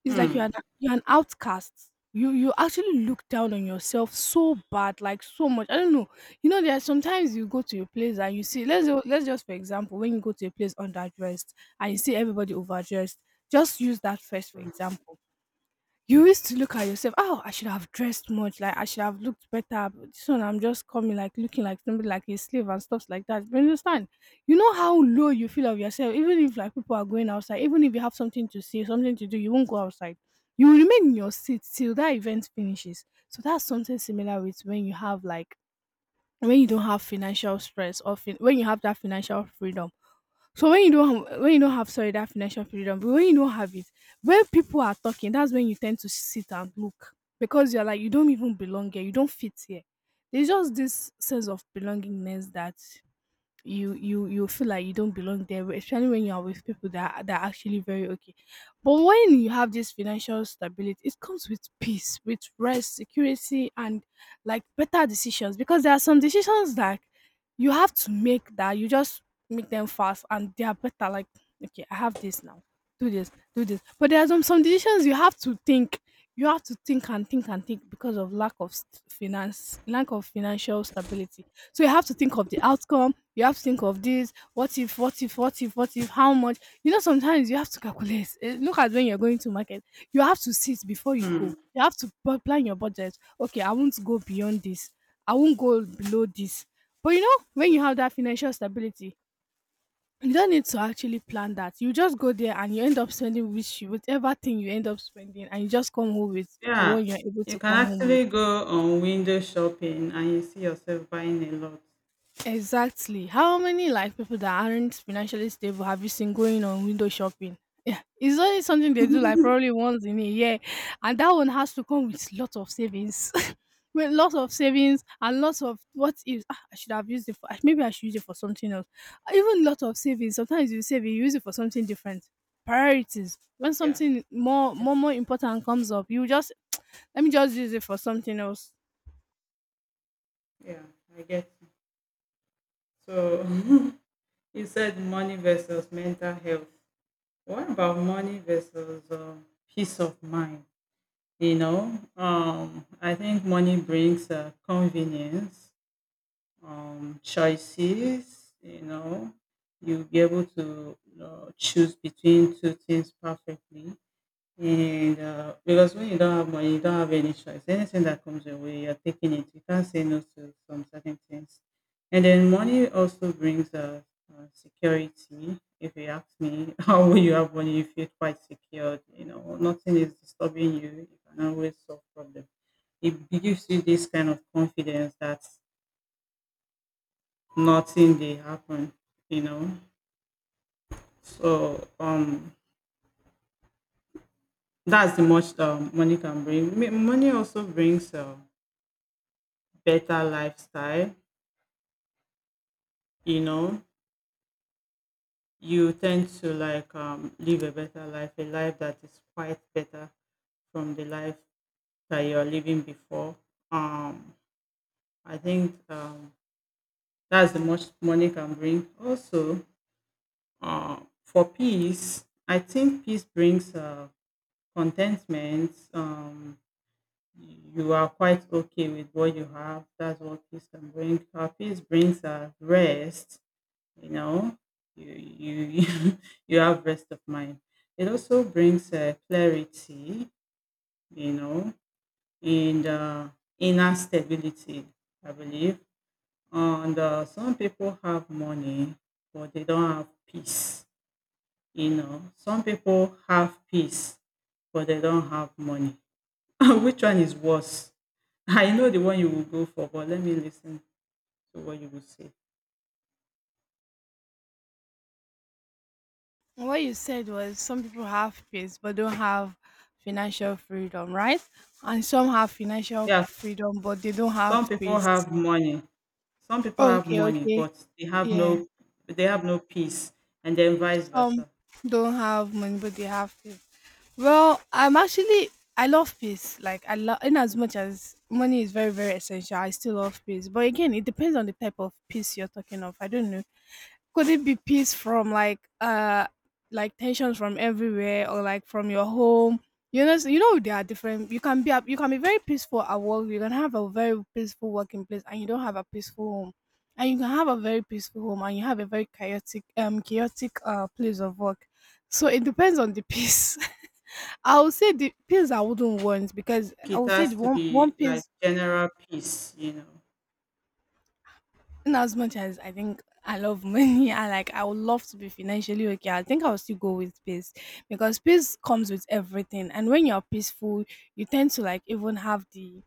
A: It's like
B: Hmm.
A: you're an outcast. You actually look down on yourself so bad, like so much, I don't know. You know, there are sometimes you go to a place and you see, let's just for example, when you go to a place underdressed and you see everybody overdressed, just use that first for example. You used to look at yourself, oh, I should have dressed much, like I should have looked better. But this one, I'm just coming like looking like somebody like a slave and stuff like that. But you understand, you know how low you feel of yourself. Even if like people are going outside, even if you have something to say, something to do, you won't go outside. You will remain in your seat till that event finishes. So that's something similar with when you have like, when you don't have financial stress or fin- when you have that financial freedom. So when you don't have, when you don't have, sorry, that financial freedom, but when you don't have it, when people are talking, that's when you tend to sit and look because you're like you don't even belong here, you don't fit here. There's just this sense of belongingness that you feel like you don't belong there, especially when you are with people that that are actually very okay. But when you have this financial stability, it comes with peace, with rest, security, and like better decisions. Because there are some decisions that you have to make that you just make them fast and they are better. Like, okay, I have this now. Do this, do this. But there are some decisions you have to think. You have to think and think and think because of finance, lack of financial stability. So you have to think of the outcome. You have to think of this, what if, what if, what if, what if, how much. You know, sometimes you have to calculate. Eh, look at when you're going to market. You have to sit before you go.
B: Hmm.
A: You have to plan your budget. Okay, I won't go beyond this. I won't go below this. But you know, when you have that financial stability, you don't need to actually plan that. You just go there and you end up spending, whatever thing you end up spending, and you just come home with the
B: Yeah.
A: one you're able
B: You
A: to
B: can
A: come home with.
B: actually go on window shopping and you see yourself buying a lot.
A: Exactly. How many like people that aren't financially stable have you seen going on window shopping? Yeah, it's only something they do like probably once in a year, and that one has to come with lots of savings, with lots of savings and lots of what if, ah, I should have used it for. Ah, maybe I should use it for something else. Ah, even lot of savings. Sometimes you save, you use it for something different. Priorities. When
B: Yeah.
A: something more important comes up, you just let me just use it for something else.
B: Yeah. I get you. So you said money versus mental health. What about money versus peace of mind? You know, I think money brings convenience, choices. You know, you'll be able to choose between two things perfectly. And because when you don't have money, you don't have any choice. Anything that comes your way, you're taking it. You can't say no to some certain things. And then money also brings security. If you ask me, how will you have money? You feel quite secured. You know, nothing is disturbing you. You can always solve problems. It gives you this kind of confidence that nothing they happen. You know, so that's the much money can bring. Money also brings better lifestyle, you know. You tend to like live a better life, a life that is quite better from the life that you're living before. um I think that's the much money can bring also. uh, for peace, I think peace brings contentment. You are quite okay with what you have. That's what peace can bring. Peace brings rest, you know. You you you you have rest of mind. It also brings clarity, you know. And inner stability, I believe. And some people have money but they don't have peace. You know, some people have peace but they don't have money. Which one is worse? I know the one you will go for, but let me listen to what you will say.
A: Well, what you said was some people have peace but don't have financial freedom, right? And some have financial
B: Yes,
A: freedom but they don't
B: some
A: have
B: people
A: peace.
B: have money some people have
A: Okay,
B: money,
A: okay.
B: but they have
A: Yeah.
B: no they have no peace, and then vice
A: Some
B: versa.
A: don't have money but they have peace. Well, I'm actually I love peace. Like I love, in as much as money is very, very essential, I still love peace. But again, it depends on the type of peace you're talking of. I don't know. Could it be peace from like tensions from everywhere, or like from your home? You know, you know, they are different. You can you can be very peaceful at work, you can have a very peaceful working place and you don't have a peaceful home. And you can have a very peaceful home and you have a very chaotic, chaotic, place of work. So it depends on the peace. I would say the peace I wouldn't want, because I
B: It
A: would say
B: has
A: the
B: to
A: one
B: be like
A: piece,
B: general peace, you know.
A: in as much as I think I love money, I like I would love to be financially okay. I think I'll still go with peace because peace comes with everything. And when you're peaceful, you tend to like even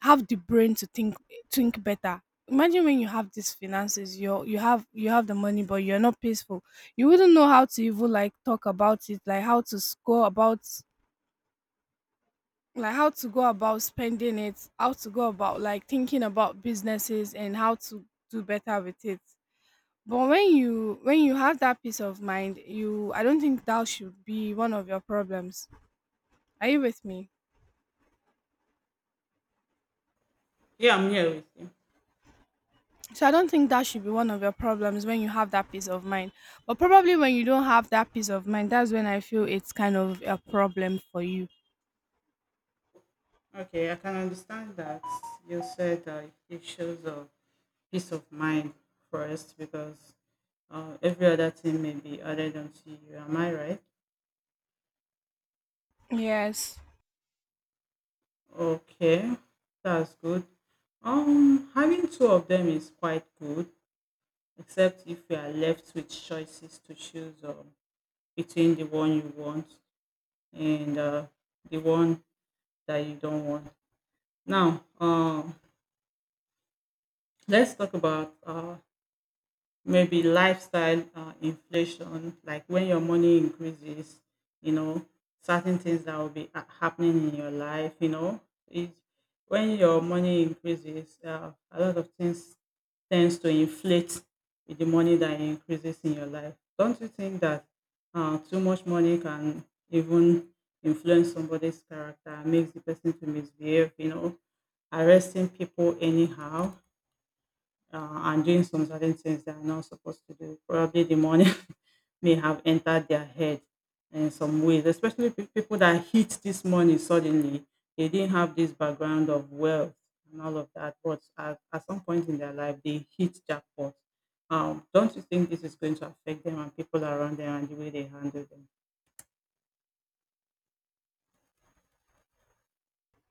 A: have the brain to think better. Imagine when you have these finances, you have the money, but you're not peaceful. You wouldn't know how to even like talk about it, like how to go about, like how to go about spending it, how to go about like thinking about businesses and how to do better with it. But when you have that peace of mind, you, I don't think that should be one of your problems. Are you with me?
B: Yeah, I'm here with you.
A: So I don't think that should be one of your problems when you have that peace of mind. But probably when you don't have that peace of mind, that's when I feel it's kind of a problem for you.
B: Okay, I can understand that you said it shows a peace of mind first, because every other thing may be added onto you. Am I right?
A: Yes.
B: Okay, that's good. Having two of them is quite good, except if we are left with choices to choose between the one you want and the one that you don't want. Now, let's talk about maybe lifestyle inflation, like when your money increases, you know, certain things that will be happening in your life, you know. It, when your money increases, a lot of things tends to inflate with the money that increases in your life. Don't you think that too much money can even influence somebody's character, makes the person to misbehave, you know, arresting people anyhow, uh, and doing some certain things they are not supposed to do? Probably the money may have entered their head in some ways, especially people that hit this money suddenly. They didn't have this background of wealth and all of that, but at some point in their life, they hit jackpot. Don't you think this is going to affect them and people around them and the way they handle them?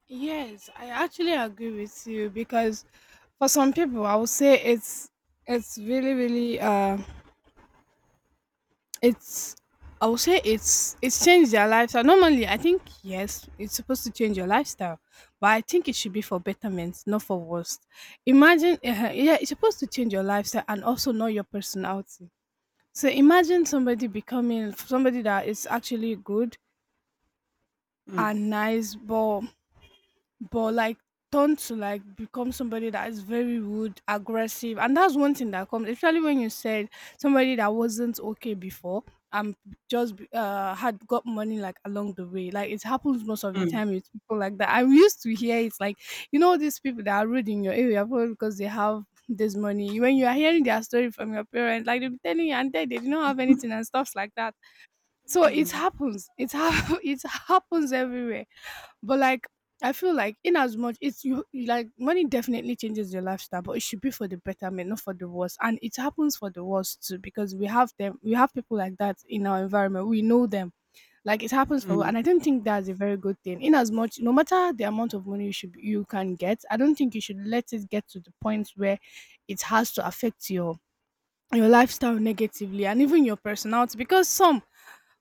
A: Yes, I actually agree with you because for some people I would say it's really really it's, I would say it's changed their lifestyle. Normally, I think yes, it's supposed to change your lifestyle, but I think it should be for betterment, not for worst. Imagine, yeah, it's supposed to change your lifestyle and also not your personality. So imagine somebody becoming somebody that is actually good
B: Mm,
A: and nice, but like, turn to like become somebody that is very rude, aggressive, and that's one thing that comes, especially when you said somebody that wasn't okay before and just had got money like along the way. Like it happens most of the
B: mm,
A: time with people like that. I used to hear it's like, you know, these people that are rude in your area probably because they have this money. When you are hearing their story from your parents, like they'll be telling you and they did not have anything and stuff like that. So it
B: mm,
A: happens. It it happens everywhere, but like I feel like in as much it's you, you like money definitely changes your lifestyle, but it should be for the betterment, not for the worst. And it happens for the worst too, because we have people like that in our environment. We know them. Like it happens for,
B: mm,
A: and I don't think that's a very good thing. In as much no matter the amount of money you can get, I don't think you should let it get to the point where it has to affect your lifestyle negatively and even your personality because some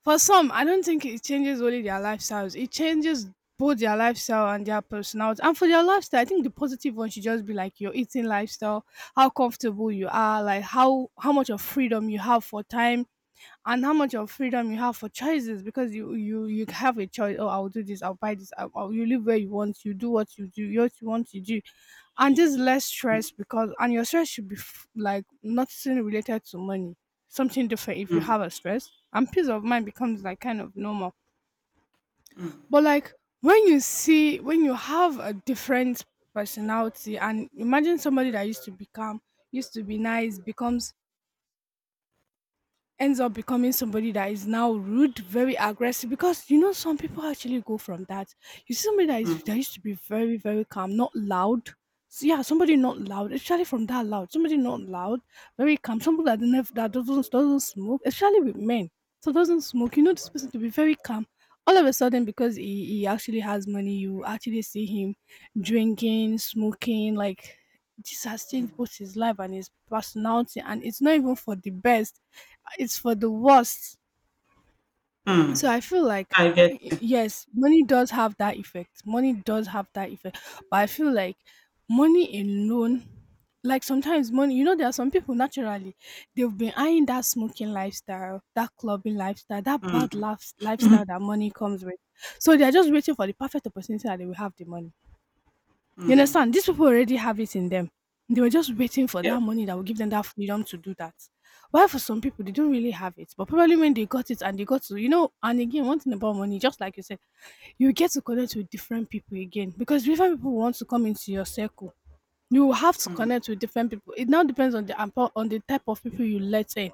A: for some, I don't think it changes only their lifestyles. It changes both their lifestyle and their personality. And for their lifestyle, I think the positive one should just be like your eating lifestyle, how comfortable you are, like how much of freedom you have for time, and how much of freedom you have for choices, because you have a choice. Oh, I'll do this, I'll buy this, you live where you want, you do what you want to do, and just less stress, because and your stress should be like nothing related to money. Something different if you
B: mm,
A: have a stress and peace of mind becomes like kind of normal.
B: mm,
A: But like when you see, when you have a different personality, and imagine somebody that used to be calm, used to be nice, becomes ends up becoming somebody that is now rude, very aggressive. Because some people actually go from that. You see somebody
B: mm,
A: that used to be very, very calm, not loud. So yeah, somebody not loud, especially from that loud. Somebody not loud, very calm. Somebody that never that doesn't smoke, especially with men. So doesn't smoke. You know this person to be very calm. All of a sudden, because he actually has money, you actually see him drinking, smoking. Like this has changed
B: mm,
A: both his life and his personality, and it's not even for the best, it's for the worst.
B: mm.
A: So I feel like
B: I get.
A: yes, money does have that effect. Money does have that effect. But I feel like money alone, like sometimes money, there are some people naturally, they've been eyeing that smoking lifestyle, that clubbing lifestyle, that
B: Mm,
A: lifestyle that money comes with, so they're just waiting for the perfect opportunity that they will have the money. You
B: mm,
A: understand? These people already have it in them. They were just waiting for
B: yeah.
A: that money that will give them that freedom to do that. While for some people, they don't really have it. But probably when they got it and they got to, and again, one thing about money, just like you said, you get to connect with different people again because different people want to come into your circle. You will have to
B: Mm,
A: connect with different people. It now depends on the type of people you let in.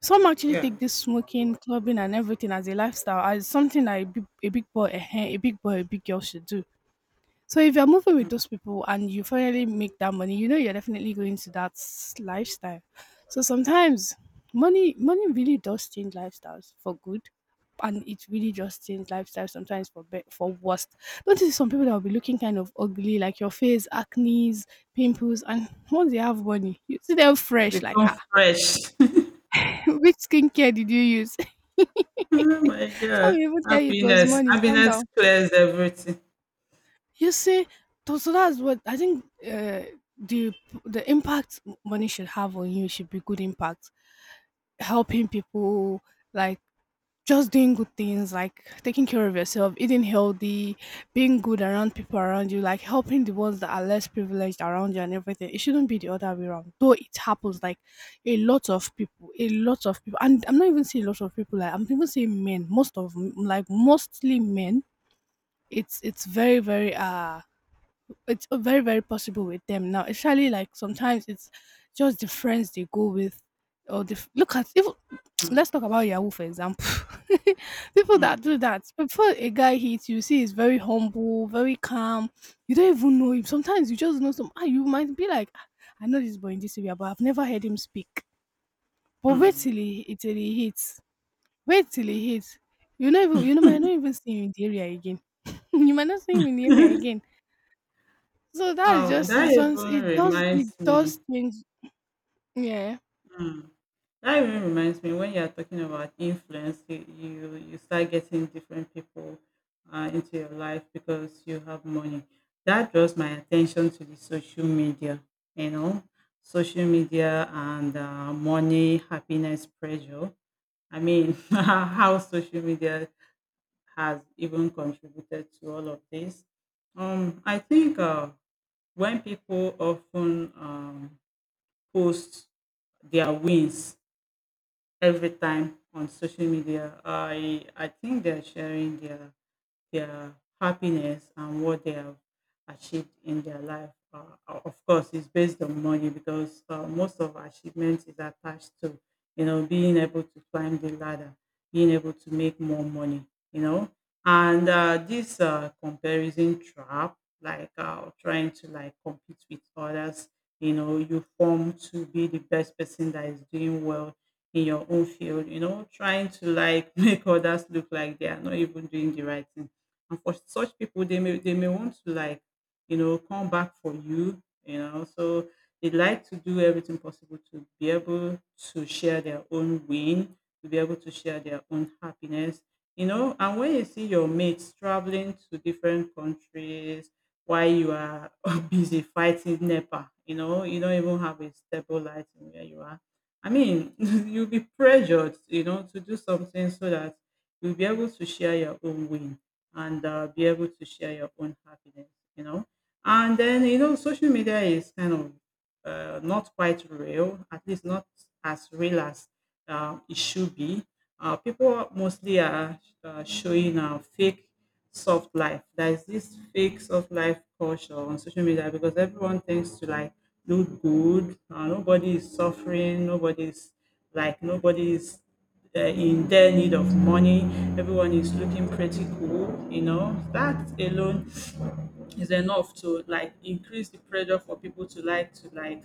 A: Some actually
B: yeah.
A: take this smoking, clubbing, and everything as a lifestyle, as something that a big boy, a big boy, a big girl should do. So if you're moving with those people and you finally make that money, you know you're definitely going to that lifestyle. So sometimes money really does change lifestyles for good. And it really just change lifestyles sometimes for for worst. Don't you see some people that will be looking kind of ugly, like your face, acne's, pimples, and once they have money, you see them fresh. Like
B: Become
A: ah,
B: fresh.
A: which skincare did you use?
B: Oh my
A: Some
B: God.
A: people even tell you it was
B: Happiness.
A: money. Calm
B: Happiness
A: down.
B: clears everything.
A: You see, so that's what I think. The the impact money should have on you should be good impact, helping people, like just doing good things, like taking care of yourself, eating healthy, being good around people around you, like helping the ones that are less privileged around you and everything. It shouldn't be the other way around. Though it happens, like a lot of people, a lot of people, and I'm not even saying a lot of people. Like I'm even saying men, most of like mostly men. It's very it's a very, very possible with them now, especially like sometimes it's just the friends they go with, or the look at even
B: Mm,
A: let's talk about Yahoo for example. People that
B: mm,
A: do that, before a guy hits you, see, he's very humble, very calm. You don't even know him. Sometimes you just know some. Ah, you might be like, "Ah, I know this boy in this area, but I've never heard him speak. But wait till
B: mm.
A: he till he hits. Wait till he hits. You know, even you know, might not even see him in the area again. You might not see him in the area again. So that is
B: Oh,
A: just it.
B: that even
A: It does. It
B: reminds me.
A: does change. Yeah.
B: mm, That even reminds me when you're talking about influence, you start getting different people into your life because you have money. That draws my attention to the social media, you know, social media and money, happiness, pressure. I mean, how social media has even contributed to all of this. I think when people often post their wins every time on social media, I think they're sharing their happiness and what they have achieved in their life. Of course, it's based on money because most of our achievement is attached to, you know, being able to climb the ladder, being able to make more money, you know. And this comparison trap, like trying to like compete with others, you know, you form to be the best person that is doing well in your own field, you know, trying to like make others look like they are not even doing the right thing, and for such people, they may want to like, you know, come back for you, you know. So they like to do everything possible to be able to share their own win, to be able to share their own happiness, you know. And when you see your mates traveling to different countries while you are busy fighting NEPA, you know, you don't even have a stable light in where you are. I mean, you'll be pressured, you know, to do something so that you'll be able to share your own win and be able to share your own happiness, you know. And then, you know, social media is kind of not quite real, at least not as real as it should be. People mostly are showing fake soft life. There is this fake soft life culture on social media because everyone thinks to like look good. Nobody is suffering. Nobody is in their need of money. Everyone is looking pretty cool. You know that alone is enough to like increase the pressure for people to like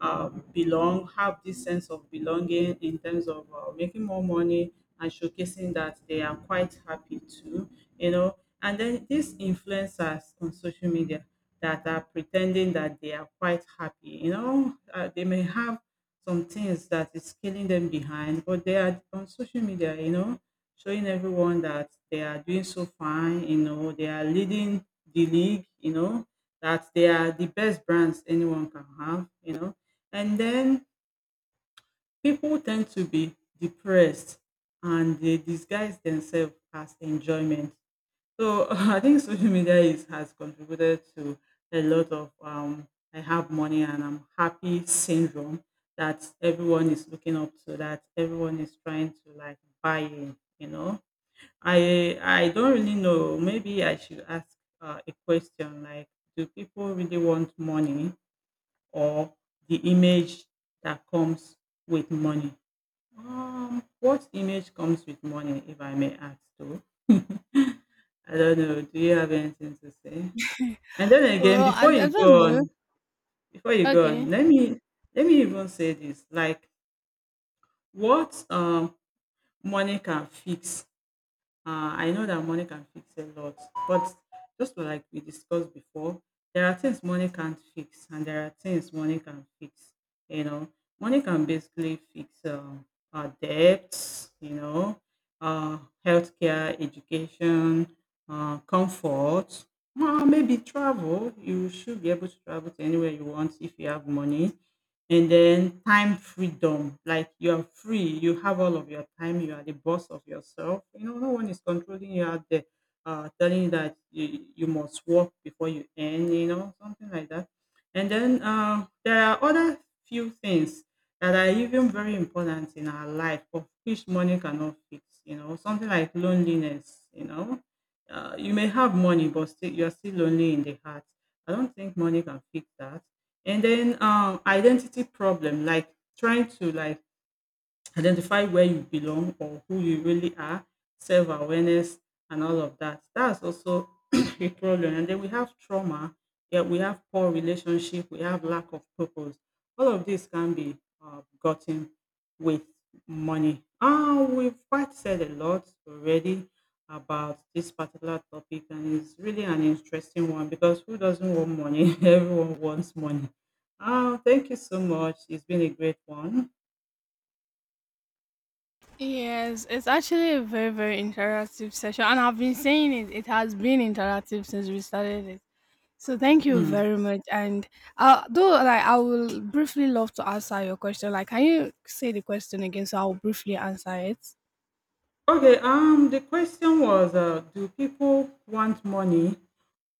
B: belong, have this sense of belonging in terms of making more money and showcasing that they are quite happy too, you know. And then these influencers on social media that are pretending that they are quite happy, you know, they may have some things that is killing them behind, but they are on social media, you know, showing everyone that they are doing so fine, you know, they are leading the league, you know, that they are the best brands anyone can have, you know. And then people tend to be depressed and they disguise themselves as enjoyment. So I think social media is, has contributed to a lot of I have money and I'm happy syndrome that everyone is looking up to, that everyone is trying to like buy in, you know. I don't really know. Maybe I should ask a question like, do people really want money or the image that comes with money? What image comes with money, if I may ask too? I don't know. Do you have anything to say? And then again,
A: Well, I
B: before you
A: don't
B: go
A: know.
B: on, before you go on,
A: Okay.
B: let me even say this. Like what money can fix. I know that money can fix a lot, but just like we discussed before, there are things money can't fix, and there are things money can fix. You know, money can basically fix our debts, you know, uh, healthcare, education, comfort, maybe travel. You should be able to travel to anywhere you want if you have money, and then time freedom, like you're free, you have all of your time, you are the boss of yourself, you know, no one is controlling you out there, telling you that you must work before you end, you know, something like that. And then there are other few things that are even very important in our life, of which money cannot fix, you know, something like loneliness, you know, you may have money but still you're still lonely in the heart. I don't think money can fix that. And then identity problem, like trying to like identify where you belong or who you really are, self awareness, and all of that. That's also a problem. And then we have trauma, yeah, we have poor relationship, we have lack of purpose. All of this can be gotten with money. Ah, we've quite said a lot already about this particular topic, and it's really an interesting one because who doesn't want money? Everyone wants money. Ah, thank you so much. It's been a great one.
A: Yes, it's actually a very very interactive session, and I've been saying it. It has been interactive since we started it. So thank you
B: Mm.
A: very much. And though like I will briefly love to answer your question. Like, can you say the question again so I'll briefly answer it?
B: Okay, the question was, do people want money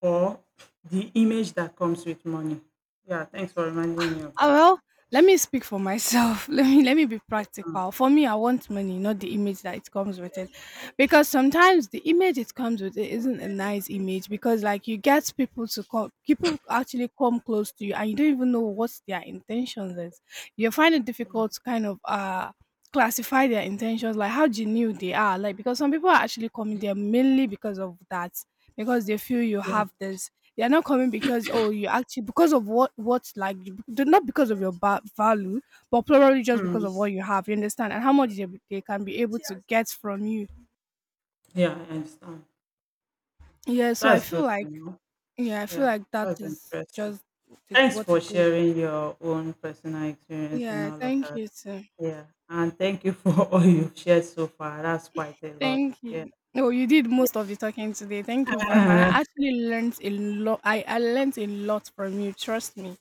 B: or the image that comes with money? Yeah, thanks for reminding me of
A: Ah,
B: that.
A: well, let me speak for myself. Let me be
B: Um,
A: practical. For me, I want money, not the image that it comes with it. Because sometimes the image it comes with it isn't a nice image, because like you get people to come, people actually come close to you and you don't even know what their intentions is. You find it difficult to kind of classify their intentions, like how genuine they are. Like because some people are actually coming there mainly because of that. Because they feel you
B: yeah,
A: have this, they are not coming because oh you actually, because of what like they're not because of your value, but probably just because
B: mm,
A: of what you have. You understand, and how much they can be able to get from you.
B: yeah, I understand.
A: Yeah, so I
B: That's
A: feel
B: good to
A: like
B: know.
A: yeah, I feel
B: Yeah,
A: like that
B: that's
A: is
B: interesting.
A: just the,
B: Thanks
A: what
B: for
A: it goes.
B: sharing your own personal experience in
A: Yeah,
B: all of
A: thank
B: that.
A: you too.
B: Yeah, and thank you for all you've shared so far. That's quite a lot.
A: Thank
B: Yeah.
A: you. Oh, you did most of the talking today. Thank you very much.
B: Yeah.
A: I actually learned a lot. I learned a lot from you. Trust me.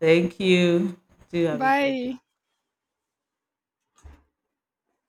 B: Thank you. Do have a great day.
A: Bye.